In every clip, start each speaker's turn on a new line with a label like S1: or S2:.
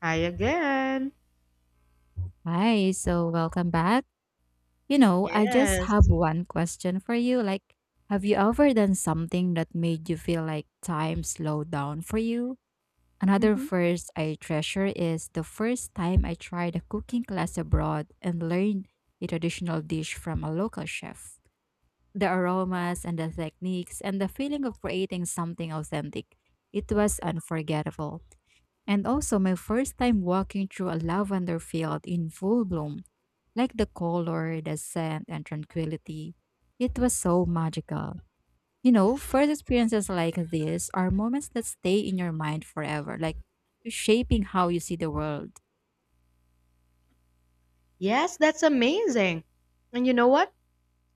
S1: Hi again.
S2: Hi, so welcome back. You know, I just have
S1: Yes.
S2: one question for you. Have you ever done something that made you feel like time slowed down for you? Another
S1: Hmm.
S2: first I treasure is the first time I tried a cooking class abroad and learned a traditional dish from a local chef. The aromas and the techniques and the feeling of creating something authentic. It was unforgettable and also my first time walking through a lavender field in full bloom. Like the color, the scent, and tranquility. It was so magical. First experiences like this are moments that stay in your mind forever, like shaping how you see the world.
S1: Yes, that's amazing. And you know what?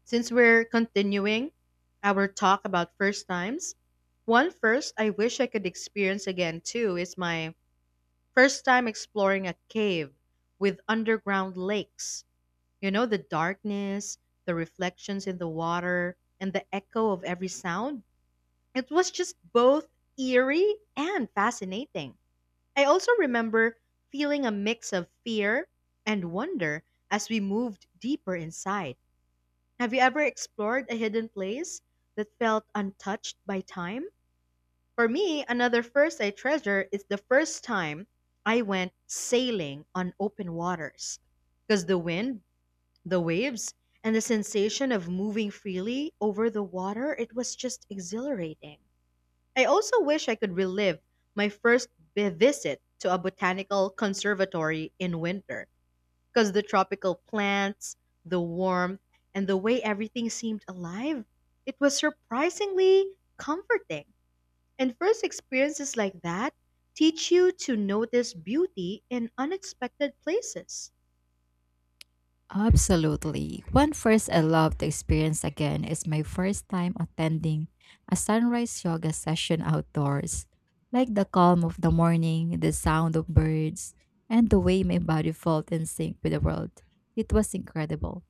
S1: Since we're continuing our talk about first times, one first I wish I could experience again too is my first time exploring a cave with underground lakes. You know, the darkness, the reflections in the water, and the echo of every sound. It was just both eerie and fascinating. I also remember feeling a mix of fear and wonder as we moved deeper inside. Have you ever explored a hidden place that felt untouched by time? For me, another first I treasure is the first time I went sailing on open waters. Because the wind, the waves, and the sensation of moving freely over the water, it was just exhilarating. I also wish I could relive my first visit to a botanical conservatory in winter because the tropical plants, the warmth, and the way everything seemed alive, it was surprisingly comforting. And first experiences like that teach you to notice beauty in unexpected places.
S2: Absolutely. One first I love to experience again is my first time attending a sunrise yoga session outdoors. Like the calm of the morning, the sound of birds, and the way my body felt in sync with the world. It was incredible.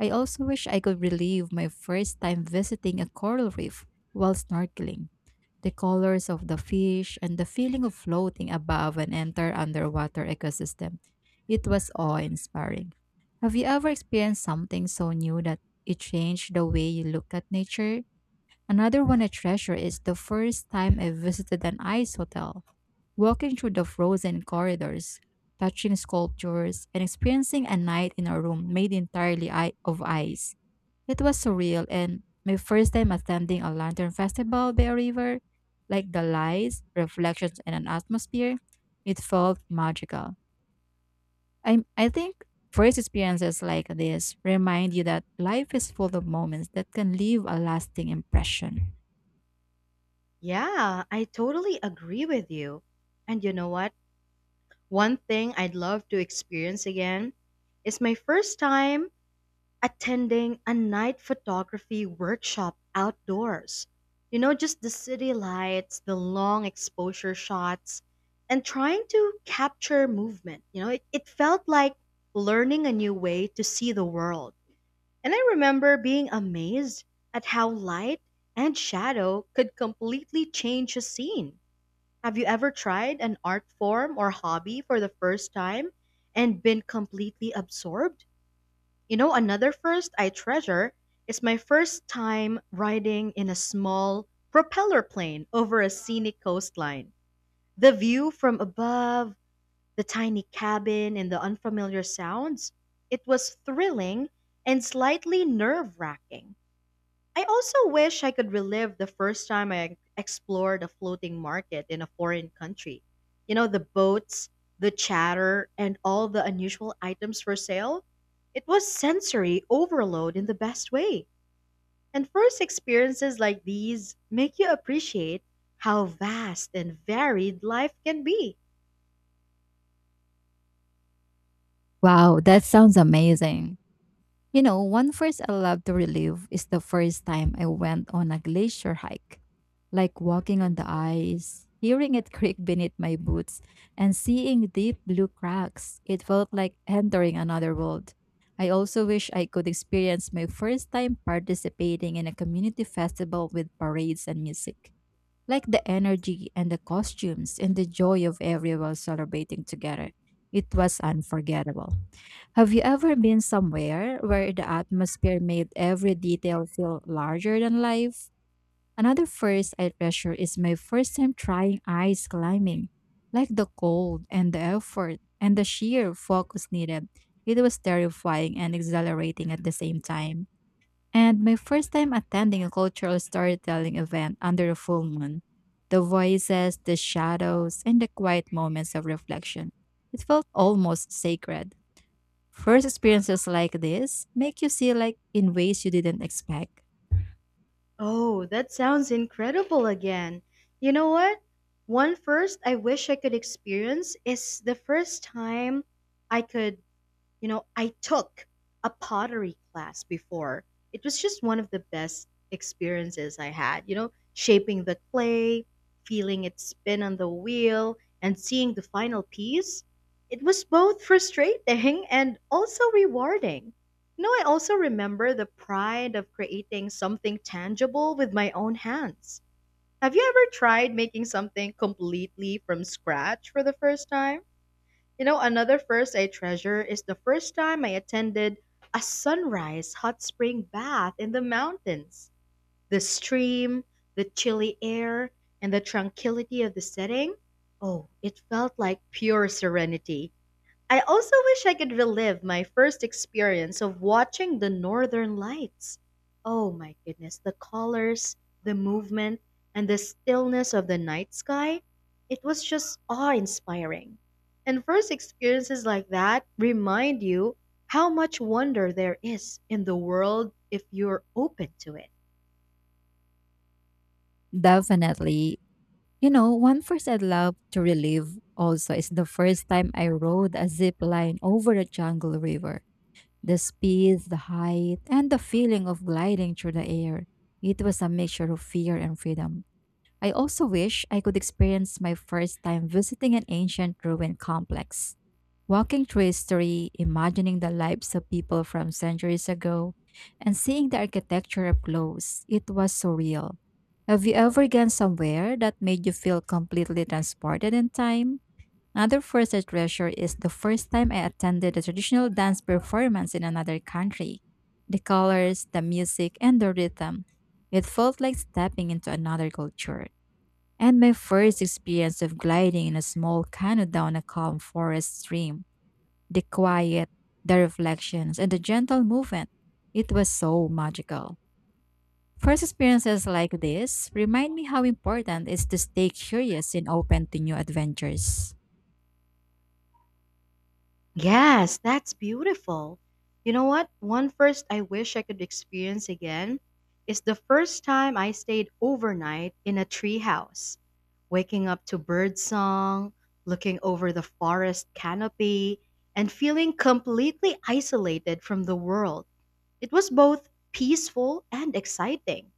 S2: I also wish I could relive my first time visiting a coral reef while snorkeling. The colors of the fish and the feeling of floating above and enter underwater ecosystem. It was awe inspiring. Have you ever experienced something so new that it changed the way you look at nature? Another one I treasure is the first time I visited an ice hotel. Walking through the frozen corridors, touching sculptures, and experiencing a night in a room made entirely of ice. It was surreal, and my first time attending a lantern festival by a river, like the lights, reflections, and an atmosphere, it felt magical. I think first experiences like this remind you that life is full of moments that can leave a lasting impression.
S1: Yeah, I totally agree with you. And you know what? One thing I'd love to experience again is my first time attending a night photography workshop outdoors. You know, just the city lights, the long exposure shots, and trying to capture movement. You know, it felt like learning a new way to see the world. And I remember being amazed at how light and shadow could completely change a scene. Have you ever tried an art form or hobby for the first time and been completely absorbed? You know, another first I treasure is my first time riding in a small propeller plane over a scenic coastline. The view from above, the tiny cabin, and the unfamiliar sounds. It was thrilling and slightly nerve wracking. I also wish I could relive the first time I explored a floating market in a foreign country. You know, the boats, the chatter, and all the unusual items for sale. It was sensory overload in the best way. And first experiences like these make you appreciate how vast and varied life can be.
S2: Wow, that sounds amazing. You know, one first I love to relive is the first time I went on a glacier hike. Like walking on the ice, hearing it creak beneath my boots, and seeing deep blue cracks. It felt like entering another world. I also wish I could experience my first time participating in a community festival with parades and music. Like the energy and the costumes and the joy of everyone celebrating together. It was unforgettable. Have you ever been somewhere where the atmosphere made every detail feel larger than life? Another first I treasure is my first time trying ice climbing. Like the cold and the effort and the sheer focus needed, it was terrifying and exhilarating at the same time. And my first time attending a cultural storytelling event under the full moon. The voices, the shadows, and the quiet moments of reflection. It felt almost sacred. First experiences like this make you see like in ways you didn't expect.
S1: Oh, that sounds incredible again. You know what? One first I wish I could experience is the first time I could you know, I took a pottery class before. It was just one of the best experiences I had. You know, shaping the clay, feeling it spin on the wheel, and seeing the final piece. It was both frustrating and also rewarding. You know, I also remember the pride of creating something tangible with my own hands. Have you ever tried making something completely from scratch for the first time? You know, another first I treasure is the first time I attended a sunrise hot spring bath in the mountains. The stream, the chilly air, and the tranquility of the setting. Oh, it felt like pure serenity. I also wish I could relive my first experience of watching the northern lights. Oh my goodness, the colors, the movement, and the stillness of the night sky. It was just awe inspiring. And first experiences like that remind you how much wonder there is in the world if you're open to it.
S2: Definitely. You know, one first I'd love to relive also is the first time I rode a zip line over a jungle river. The speed, the height, and the feeling of gliding through the air. It was a mixture of fear and freedom. I also wish I could experience my first time visiting an ancient ruin complex. Walking through history, imagining the lives of people from centuries ago, and seeing the architecture up close, it was surreal. Have you ever gone somewhere that made you feel completely transported in time? Another first I treasure is the first time I attended a traditional dance performance in another country. The colors, the music, and the rhythm. It felt like stepping into another culture, and my first experience of gliding in a small canoe down a calm forest stream, the quiet, the reflections, and the gentle movement. It was so magical. First experiences like this remind me how important it is to stay curious and open to new adventures.
S1: Yes, that's beautiful. You know what? One first I wish I could experience again is the first time I stayed overnight in a treehouse, waking up to bird song, looking over the forest canopy, and feeling completely isolated from the world. It was both peaceful and exciting.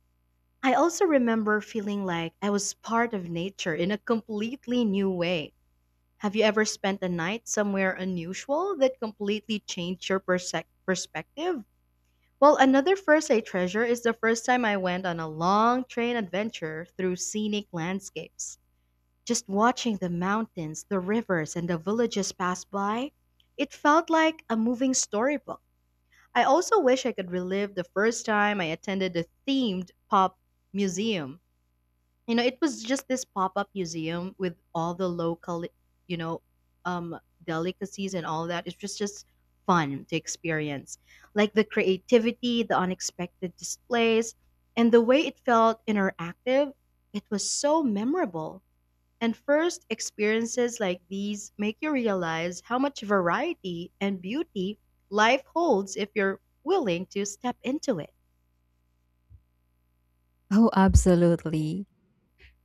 S1: I also remember feeling like I was part of nature in a completely new way. Have you ever spent a night somewhere unusual that completely changed your persec perspective? Well, another first I treasure is the first time I went on a long train adventure through scenic landscapes. Just watching the mountains, the rivers, and the villages pass by, it felt like a moving storybook. I also wish I could relive the first time I attended a themed pop museum. You know, it was just this pop-up museum with all the local, you know um delicacies and all that. It was just fun to experience. Like the creativity, the unexpected displays, and the way it felt interactive, it was so memorable. And first experiences like these make you realize how much variety and beauty life holds if you're willing to step into it.
S2: Oh, absolutely.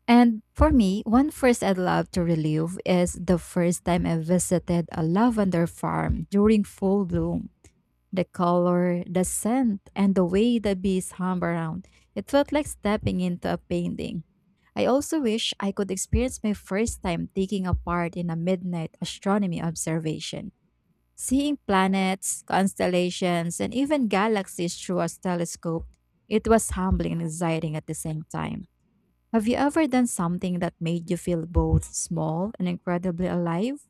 S2: And for me, one first I'd love to relive is the first time I visited a lavender farm during full bloom. The color, the scent, and the way the bees hum around. It felt like stepping into a painting. I also wish I could experience my first time taking a part in a midnight astronomy observation. Seeing planets, constellations, and even galaxies through a telescope, it was humbling and exciting at the same time. Have you ever done something that made you feel both small and incredibly alive?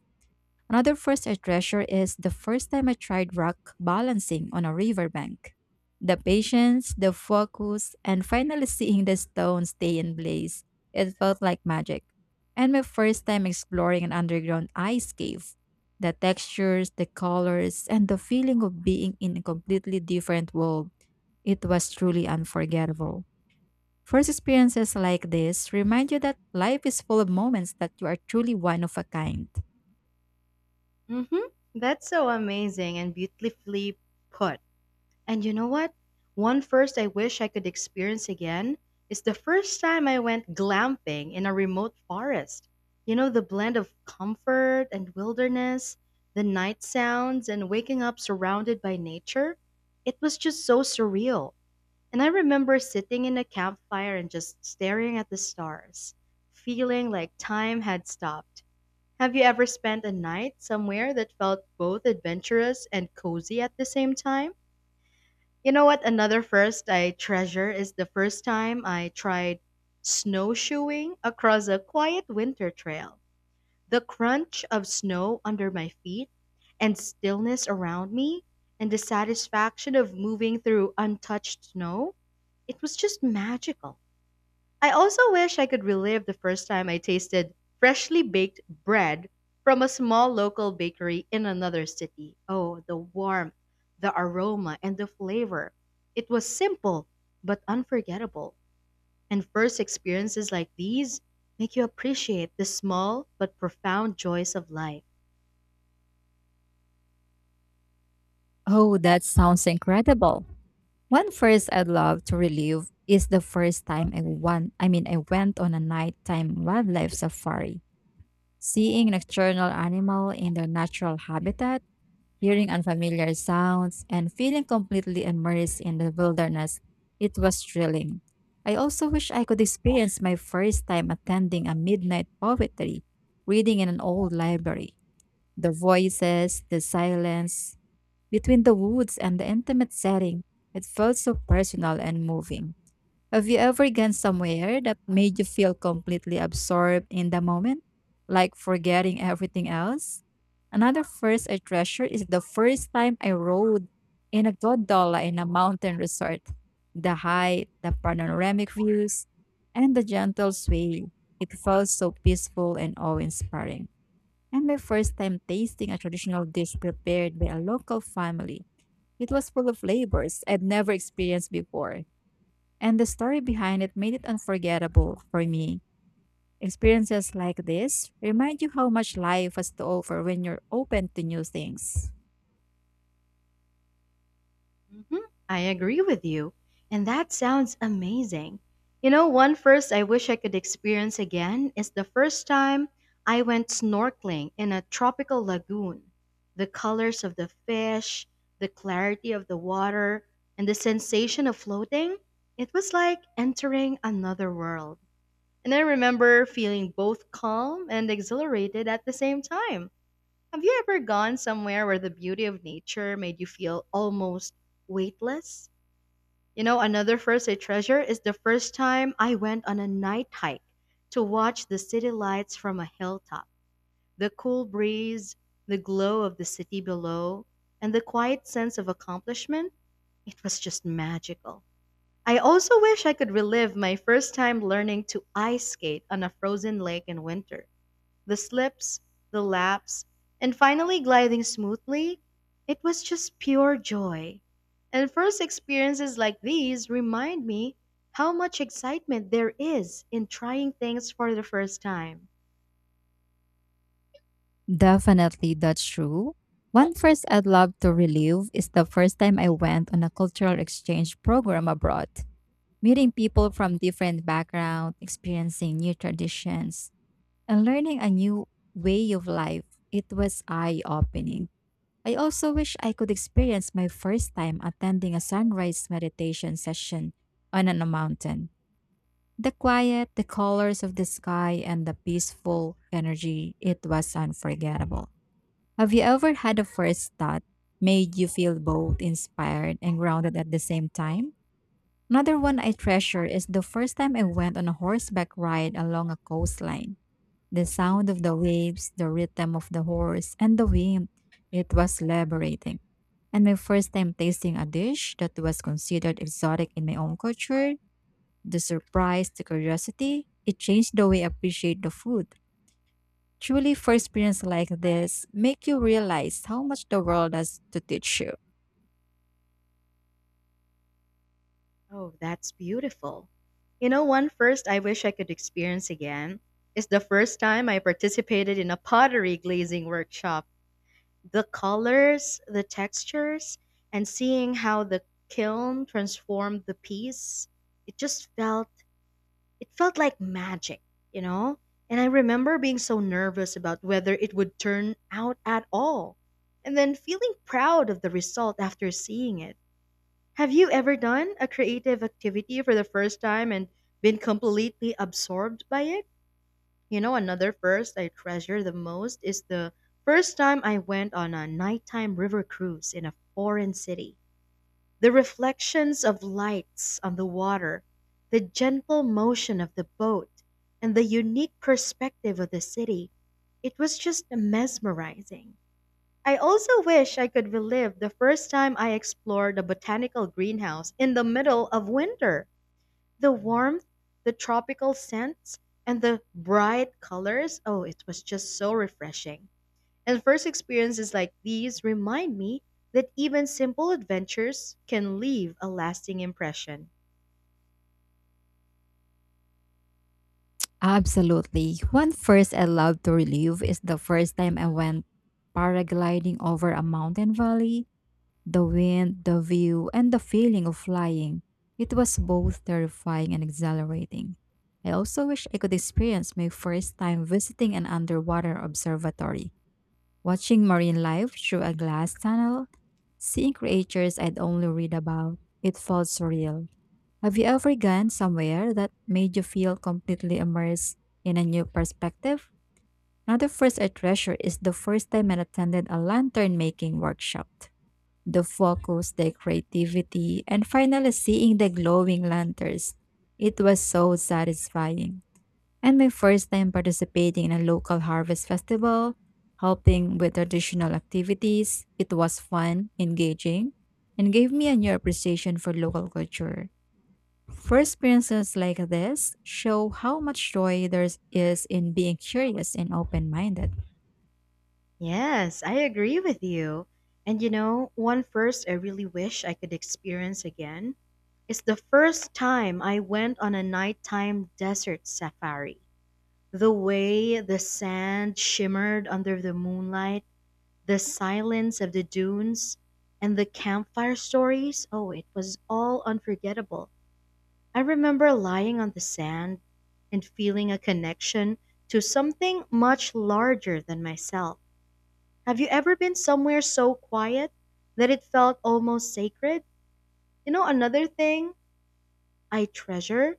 S2: Another first I treasure is the first time I tried rock balancing on a riverbank. The patience, the focus, and finally seeing the stone stay in place, it felt like magic. And my first time exploring an underground ice cave. The textures, the colors, and the feeling of being in a completely different world, it was truly unforgettable. First experiences like this remind you that life is full of moments that you are truly one of a kind.
S1: Hmm, that's so amazing and beautifully put. And you know what? One first I wish I could experience again is the first time I went glamping in a remote forest. You know, the blend of comfort and wilderness, the night sounds, and waking up surrounded by nature. It was just so surreal. And I remember sitting in a campfire and just staring at the stars, feeling like time had stopped. Have you ever spent a night somewhere that felt both adventurous and cozy at the same time? You know what? Another first I treasure is the first time I tried snowshoeing across a quiet winter trail. The crunch of snow under my feet and stillness around me and the satisfaction of moving through untouched snow, it was just magical. I also wish I could relive the first time I tasted freshly baked bread from a small local bakery in another city. Oh, the warmth, the aroma, and the flavor. It was simple, but unforgettable. And first experiences like these make you appreciate the small but profound joys of life.
S2: Oh, that sounds incredible. One first I'd love to relive is the first time I went on a nighttime wildlife safari. Seeing nocturnal animal in their natural habitat, hearing unfamiliar sounds, and feeling completely immersed in the wilderness, it was thrilling. I also wish I could experience my first time attending a midnight poetry, reading in an old library. The voices, the silence, between the woods and the intimate setting, it felt so personal and moving. Have you ever gone somewhere that made you feel completely absorbed in the moment, like forgetting everything else? Another first I treasure is the first time I rode in a gondola in a mountain resort. The height, the panoramic views, and the gentle sway. It felt so peaceful and awe-inspiring. And my first time tasting a traditional dish prepared by a local family. It was full of flavors I'd never experienced before, and the story behind it made it unforgettable for me. Experiences like this remind you how much life has to offer when you're open to new things.
S1: Mhm. I agree with you. And that sounds amazing. You know, one first I wish I could experience again is the first time I went snorkeling in a tropical lagoon. The colors of the fish, the clarity of the water, and the sensation of floating, it was like entering another world. And I remember feeling both calm and exhilarated at the same time. Have you ever gone somewhere where the beauty of nature made you feel almost weightless? You know, another first I treasure is the first time I went on a night hike to watch the city lights from a hilltop. The cool breeze, the glow of the city below, and the quiet sense of accomplishment, it was just magical. I also wish I could relive my first time learning to ice skate on a frozen lake in winter. The slips, the laps, and finally gliding smoothly, it was just pure joy. And first experiences like these remind me how much excitement there is in trying things for the first time.
S2: Definitely, that's true. One first I'd love to relive is the first time I went on a cultural exchange program abroad, meeting people from different backgrounds, experiencing new traditions, and learning a new way of life. It was eye opening. I also wish I could experience my first time attending a sunrise meditation session on a mountain. The quiet, the colors of the sky, and the peaceful energy, it was unforgettable. Have you ever had a first thought made you feel both inspired and grounded at the same time? Another one I treasure is the first time I went on a horseback ride along a coastline. The sound of the waves, the rhythm of the horse, and the wind. It was liberating. And my first time tasting a dish that was considered exotic in my own culture, the surprise, the curiosity, it changed the way I appreciate the food. Truly, first experience like this make you realize how much the world has to teach you.
S1: Oh, that's beautiful. You know, one first I wish I could experience again is the first time I participated in a pottery glazing workshop. The colors, the textures, and seeing how the kiln transformed the piece, it just felt it felt like magic, you know? And I remember being so nervous about whether it would turn out at all, and then feeling proud of the result after seeing it. Have you ever done a creative activity for the first time and been completely absorbed by it? You know, another first I treasure the most is the first time I went on a nighttime river cruise in a foreign city. The reflections of lights on the water, the gentle motion of the boat, and the unique perspective of the city. It was just mesmerizing. I also wish I could relive the first time I explored a botanical greenhouse in the middle of winter. The warmth, the tropical scents, and the bright colors. Oh, it was just so refreshing. And first experiences like these remind me that even simple adventures can leave a lasting impression.
S2: Absolutely. One first I love to relive is the first time I went paragliding over a mountain valley. The wind, the view, and the feeling of flying. It was both terrifying and exhilarating. I also wish I could experience my first time visiting an underwater observatory, watching marine life through a glass tunnel, seeing creatures I'd only read about. It felt surreal. Have you ever gone somewhere that made you feel completely immersed in a new perspective? Another first I treasure is the first time I attended a lantern making workshop, the focus, the creativity, and finally seeing the glowing lanterns. It was so satisfying. And my first time participating in a local harvest festival, helping with traditional activities, it was fun, engaging, and gave me a new appreciation for local culture. First experiences like this show how much joy there is in being curious and open minded.
S1: Yes, I agree with you. And you know, one first I really wish I could experience again is the first time I went on a nighttime desert safari. The way the sand shimmered under the moonlight, the silence of the dunes, and the campfire stories, oh, it was all unforgettable. I remember lying on the sand and feeling a connection to something much larger than myself. Have you ever been somewhere so quiet that it felt almost sacred? You know, another thing I treasure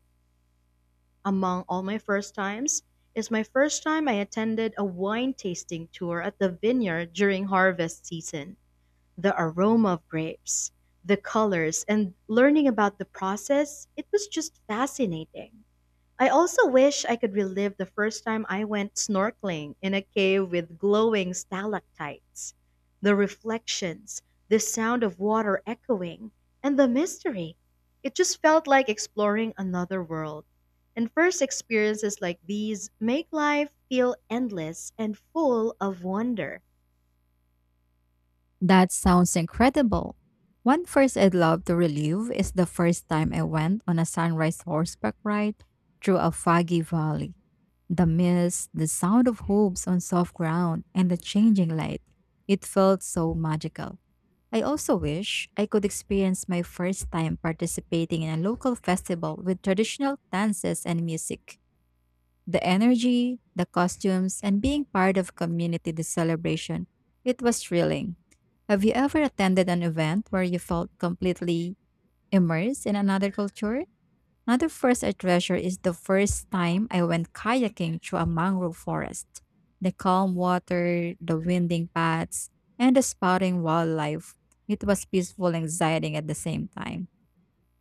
S1: among all my first times is my first time I attended a wine tasting tour at the vineyard during harvest season. The aroma of grapes, the colors, and learning about the process, it was just fascinating. I also wish I could relive the first time I went snorkeling in a cave with glowing stalactites. The reflections, the sound of water echoing, and the mystery. It just felt like exploring another world. And first experiences like these make life feel endless and full of wonder.
S2: That sounds incredible. One first I'd love to relive is the first time I went on a sunrise horseback ride through a foggy valley. The mist, the sound of hooves on soft ground, and the changing light. It felt so magical. I also wish I could experience my first time participating in a local festival with traditional dances and music. The energy, the costumes, and being part of community the celebration, it was thrilling. Have you ever attended an event where you felt completely immersed in another culture? Another first I treasure is the first time I went kayaking through a mangrove forest. The calm water, the winding paths, and the spouting wildlife. It was peaceful and exciting at the same time.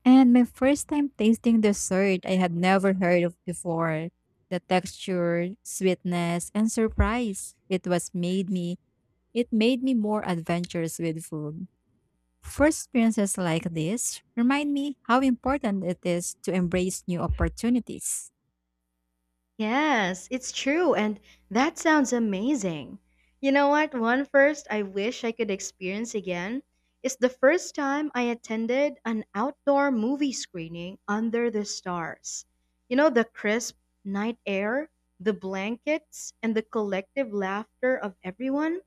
S2: And my first time tasting dessert I had never heard of before. The texture, sweetness, and surprise it made me more adventurous with food. First experiences like this remind me how important it is to embrace new opportunities.
S1: Yes, it's true, and that sounds amazing. You know what? One first I wish I could experience again is the first time I attended an outdoor movie screening under the stars. You know, the crisp night air, the blankets, and the collective laughter of everyone?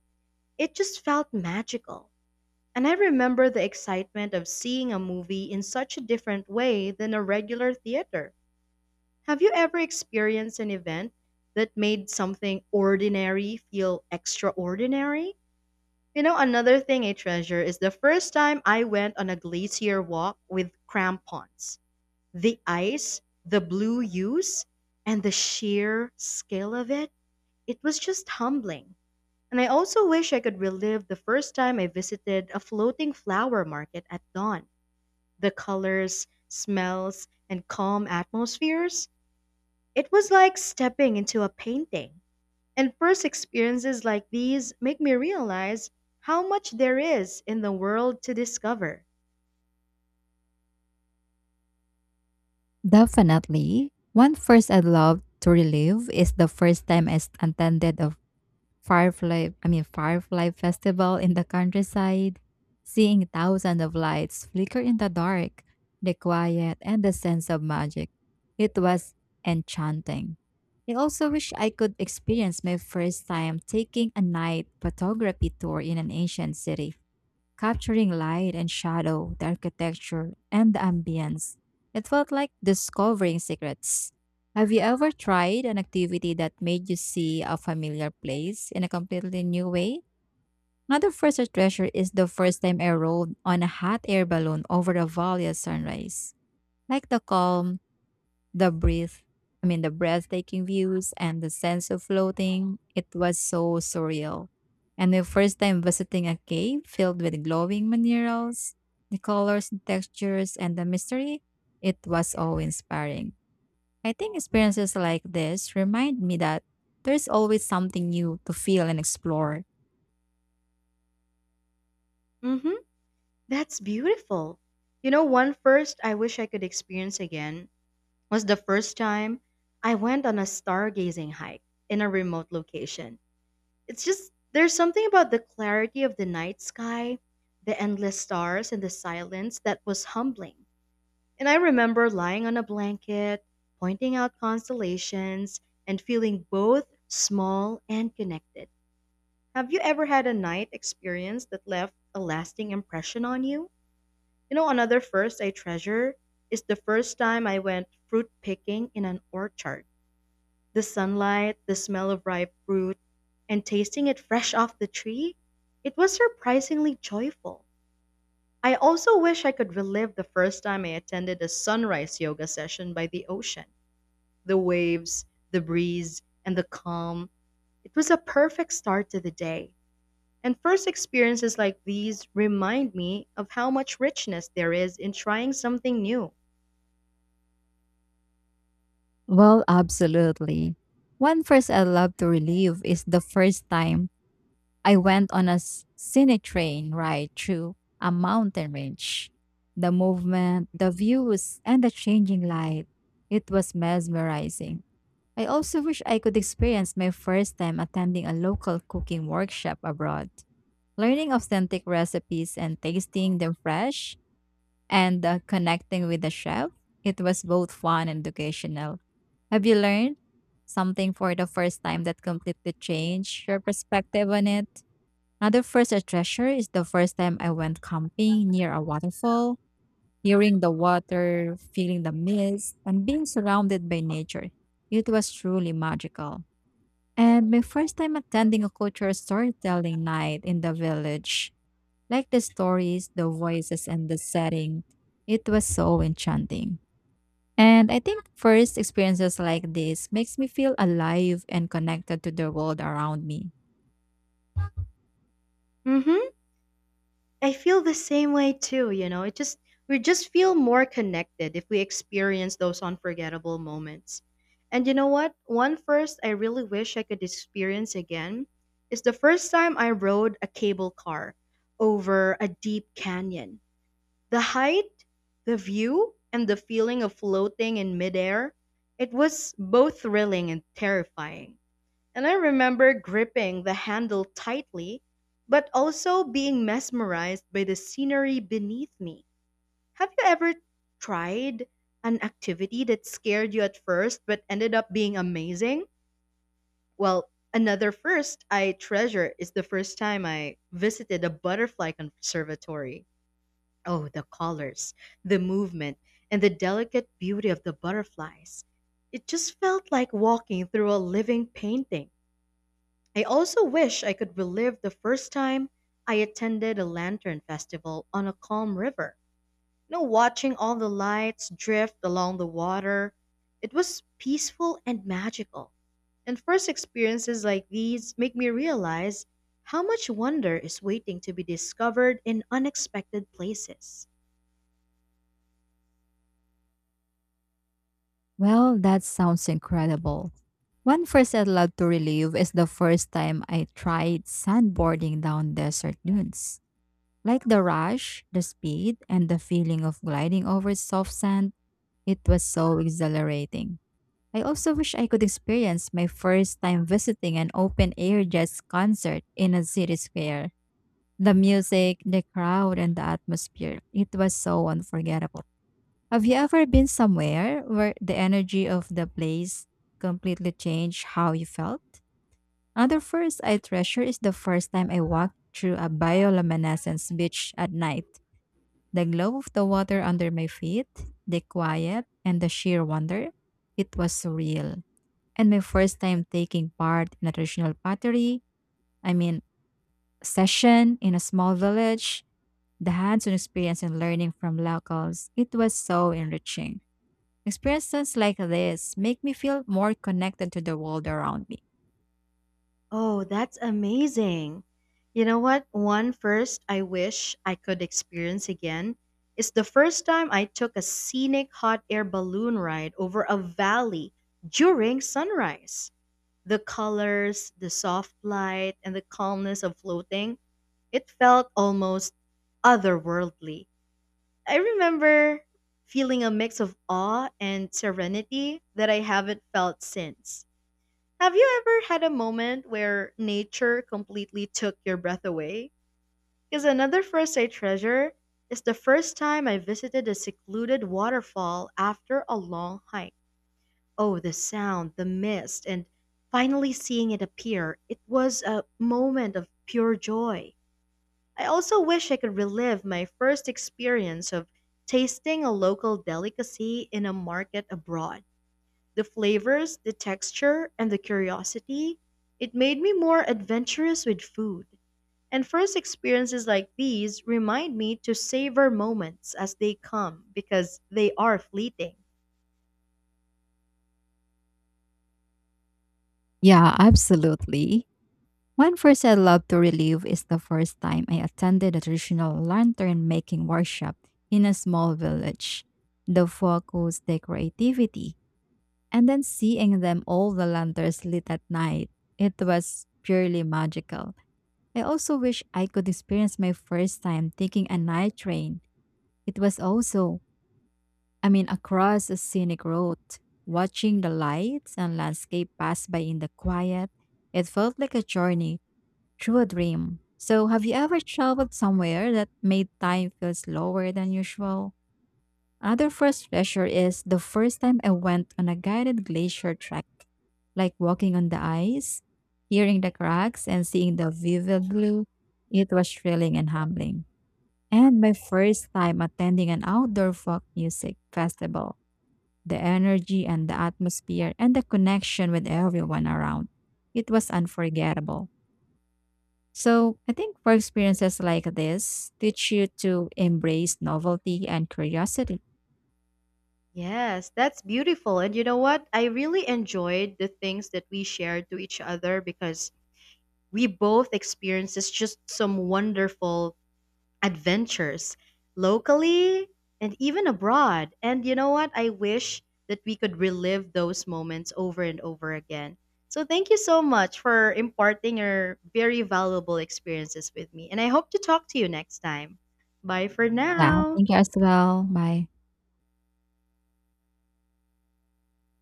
S1: It just felt magical. And I remember the excitement of seeing a movie in such a different way than a regular theater. Have you ever experienced an event that made something ordinary feel extraordinary? You know, another thing I treasure is the first time I went on a glacier walk with crampons. The ice, the blue hues, and the sheer scale of it, it was just humbling. And I also wish I could relive the first time I visited a floating flower market at dawn. The colors, smells, and calm atmospheres, it was like stepping into a painting. And first experiences like these make me realize how much there is in the world to discover.
S2: Definitely. One first I'd love to relive is the first time I s- attended a firefly I mean firefly festival in the countryside, seeing thousands of lights flicker in the dark, the quiet and the sense of magic. It was enchanting. I also wish I could experience my first time taking a night photography tour in an ancient city, capturing light and shadow, the architecture, and the ambience. It felt like discovering secrets. Have you ever tried an activity that made you see a familiar place in a completely new way? Another first I treasure is the first time I rode on a hot air balloon over the valley at sunrise. Like the calm, the breath, the breathtaking views and the sense of floating, it was so surreal. And the first time visiting a cave filled with glowing minerals, the colors and textures, and the mystery, it was awe inspiring. I think experiences like this remind me that there's always something new to feel and explore.
S1: Mm-hmm. That's beautiful. You know, one first I wish I could experience again was the first time I went on a stargazing hike in a remote location. It's just, there's something about the clarity of the night sky, the endless stars, and the silence that was humbling. And I remember lying on a blanket, pointing out constellations, and feeling both small and connected. Have you ever had a night experience that left a lasting impression on you? You know, another first I treasure is the first time I went fruit picking in an orchard. The sunlight, the smell of ripe fruit, and tasting it fresh off the tree, it was surprisingly joyful. I also wish I could relive the first time I attended a sunrise yoga session by the ocean. The waves, the breeze, and the calm. It was a perfect start to the day. And first experiences like these remind me of how much richness there is in trying something new.
S2: Well, absolutely. One first I love to relive is the first time I went on a scenic train ride through a mountain range. The movement, the views, and the changing light. It was mesmerizing. I also wish I could experience my first time attending a local cooking workshop abroad. Learning authentic recipes and tasting them fresh and connecting with the chef, it was both fun and educational. Have you learned something for the first time that completely changed your perspective on it? Another first I treasure is the first time I went camping near a waterfall, hearing the water, feeling the mist, and being surrounded by nature. It was truly magical. And my first time attending a cultural storytelling night in the village, like the stories, the voices, and the setting, it was so enchanting. And I think first experiences like this makes me feel alive and connected to the world around me.
S1: Mm hmm. I feel the same way too, you know. It just we just feel more connected if we experience those unforgettable moments. And you know what? One first I really wish I could experience again is the first time I rode a cable car over a deep canyon. The height, the view, and the feeling of floating in midair, it was both thrilling and terrifying. And I remember gripping the handle tightly, but also being mesmerized by the scenery beneath me. Have you ever tried an activity that scared you at first but ended up being amazing? Well, another first I treasure is the first time I visited a butterfly conservatory. Oh, the colors, the movement, and the delicate beauty of the butterflies. It just felt like walking through a living painting. I also wish I could relive the first time I attended a lantern festival on a calm river. You know, watching all the lights drift along the water, it was peaceful and magical. And first experiences like these make me realize how much wonder is waiting to be discovered in unexpected places.
S2: Well, that sounds incredible. One first I'd love to relive is the first time I tried sandboarding down desert dunes. Like the rush, the speed, and the feeling of gliding over soft sand, it was so exhilarating. I also wish I could experience my first time visiting an open air jazz concert in a city square. The music, the crowd, and the atmosphere, it was so unforgettable. Have you ever been somewhere where the energy of the place completely changed how you felt? Another first I treasure is the first time I walked through a bioluminescence beach at night. The glow of the water under my feet, the quiet, and the sheer wonder. It was surreal. And my first time taking part in a traditional pottery, I mean, session in a small village, the hands on experience and learning from locals, it was so enriching. Experiences like this make me feel more connected to the world around me.
S1: Oh, that's amazing. You know what? One first I wish I could experience again is the first time I took a scenic hot air balloon ride over a valley during sunrise. The colors, the soft light, and the calmness of floating, it felt almost otherworldly. I remember feeling a mix of awe and serenity that I haven't felt since. Have you ever had a moment where nature completely took your breath away? Because another first I treasure is the first time I visited a secluded waterfall after a long hike. Oh, the sound, the mist, and finally seeing it appear. It was a moment of pure joy. I also wish I could relive my first experience of tasting a local delicacy in a market abroad. The flavors, the texture, and the curiosity, it made me more adventurous with food. And first experiences like these remind me to savor moments as they come because they are fleeting.
S2: Yeah, absolutely. One first I love to relive is the first time I attended a traditional lantern making workshop in a small village. The focus, the creativity, and then seeing the lanterns lit at night, it was purely magical. I also wish I could experience my first time taking a night train. It was also I mean, Across a scenic road, watching the lights and landscape pass by in the quiet, it felt like a journey through a dream. So, have you ever traveled somewhere that made time feel slower than usual? Another first pleasure is the first time I went on a guided glacier trek, like walking on the ice, hearing the cracks, and seeing the vivid blue. It was thrilling and humbling. And my first time attending an outdoor folk music festival, the energy and the atmosphere and the connection with everyone around. It was unforgettable. So I think for experiences like this teach you to embrace novelty and curiosity.
S1: Yes, that's beautiful. And you know what? I really enjoyed the things that we shared to each other because we both experiences just some wonderful adventures locally and even abroad. And you know what? I wish that we could relive those moments over and over again. So thank you so much for imparting your very valuable experiences with me. And I hope to talk to you next time. Bye for
S2: Yeah,
S1: now.
S2: thank you as well. Bye.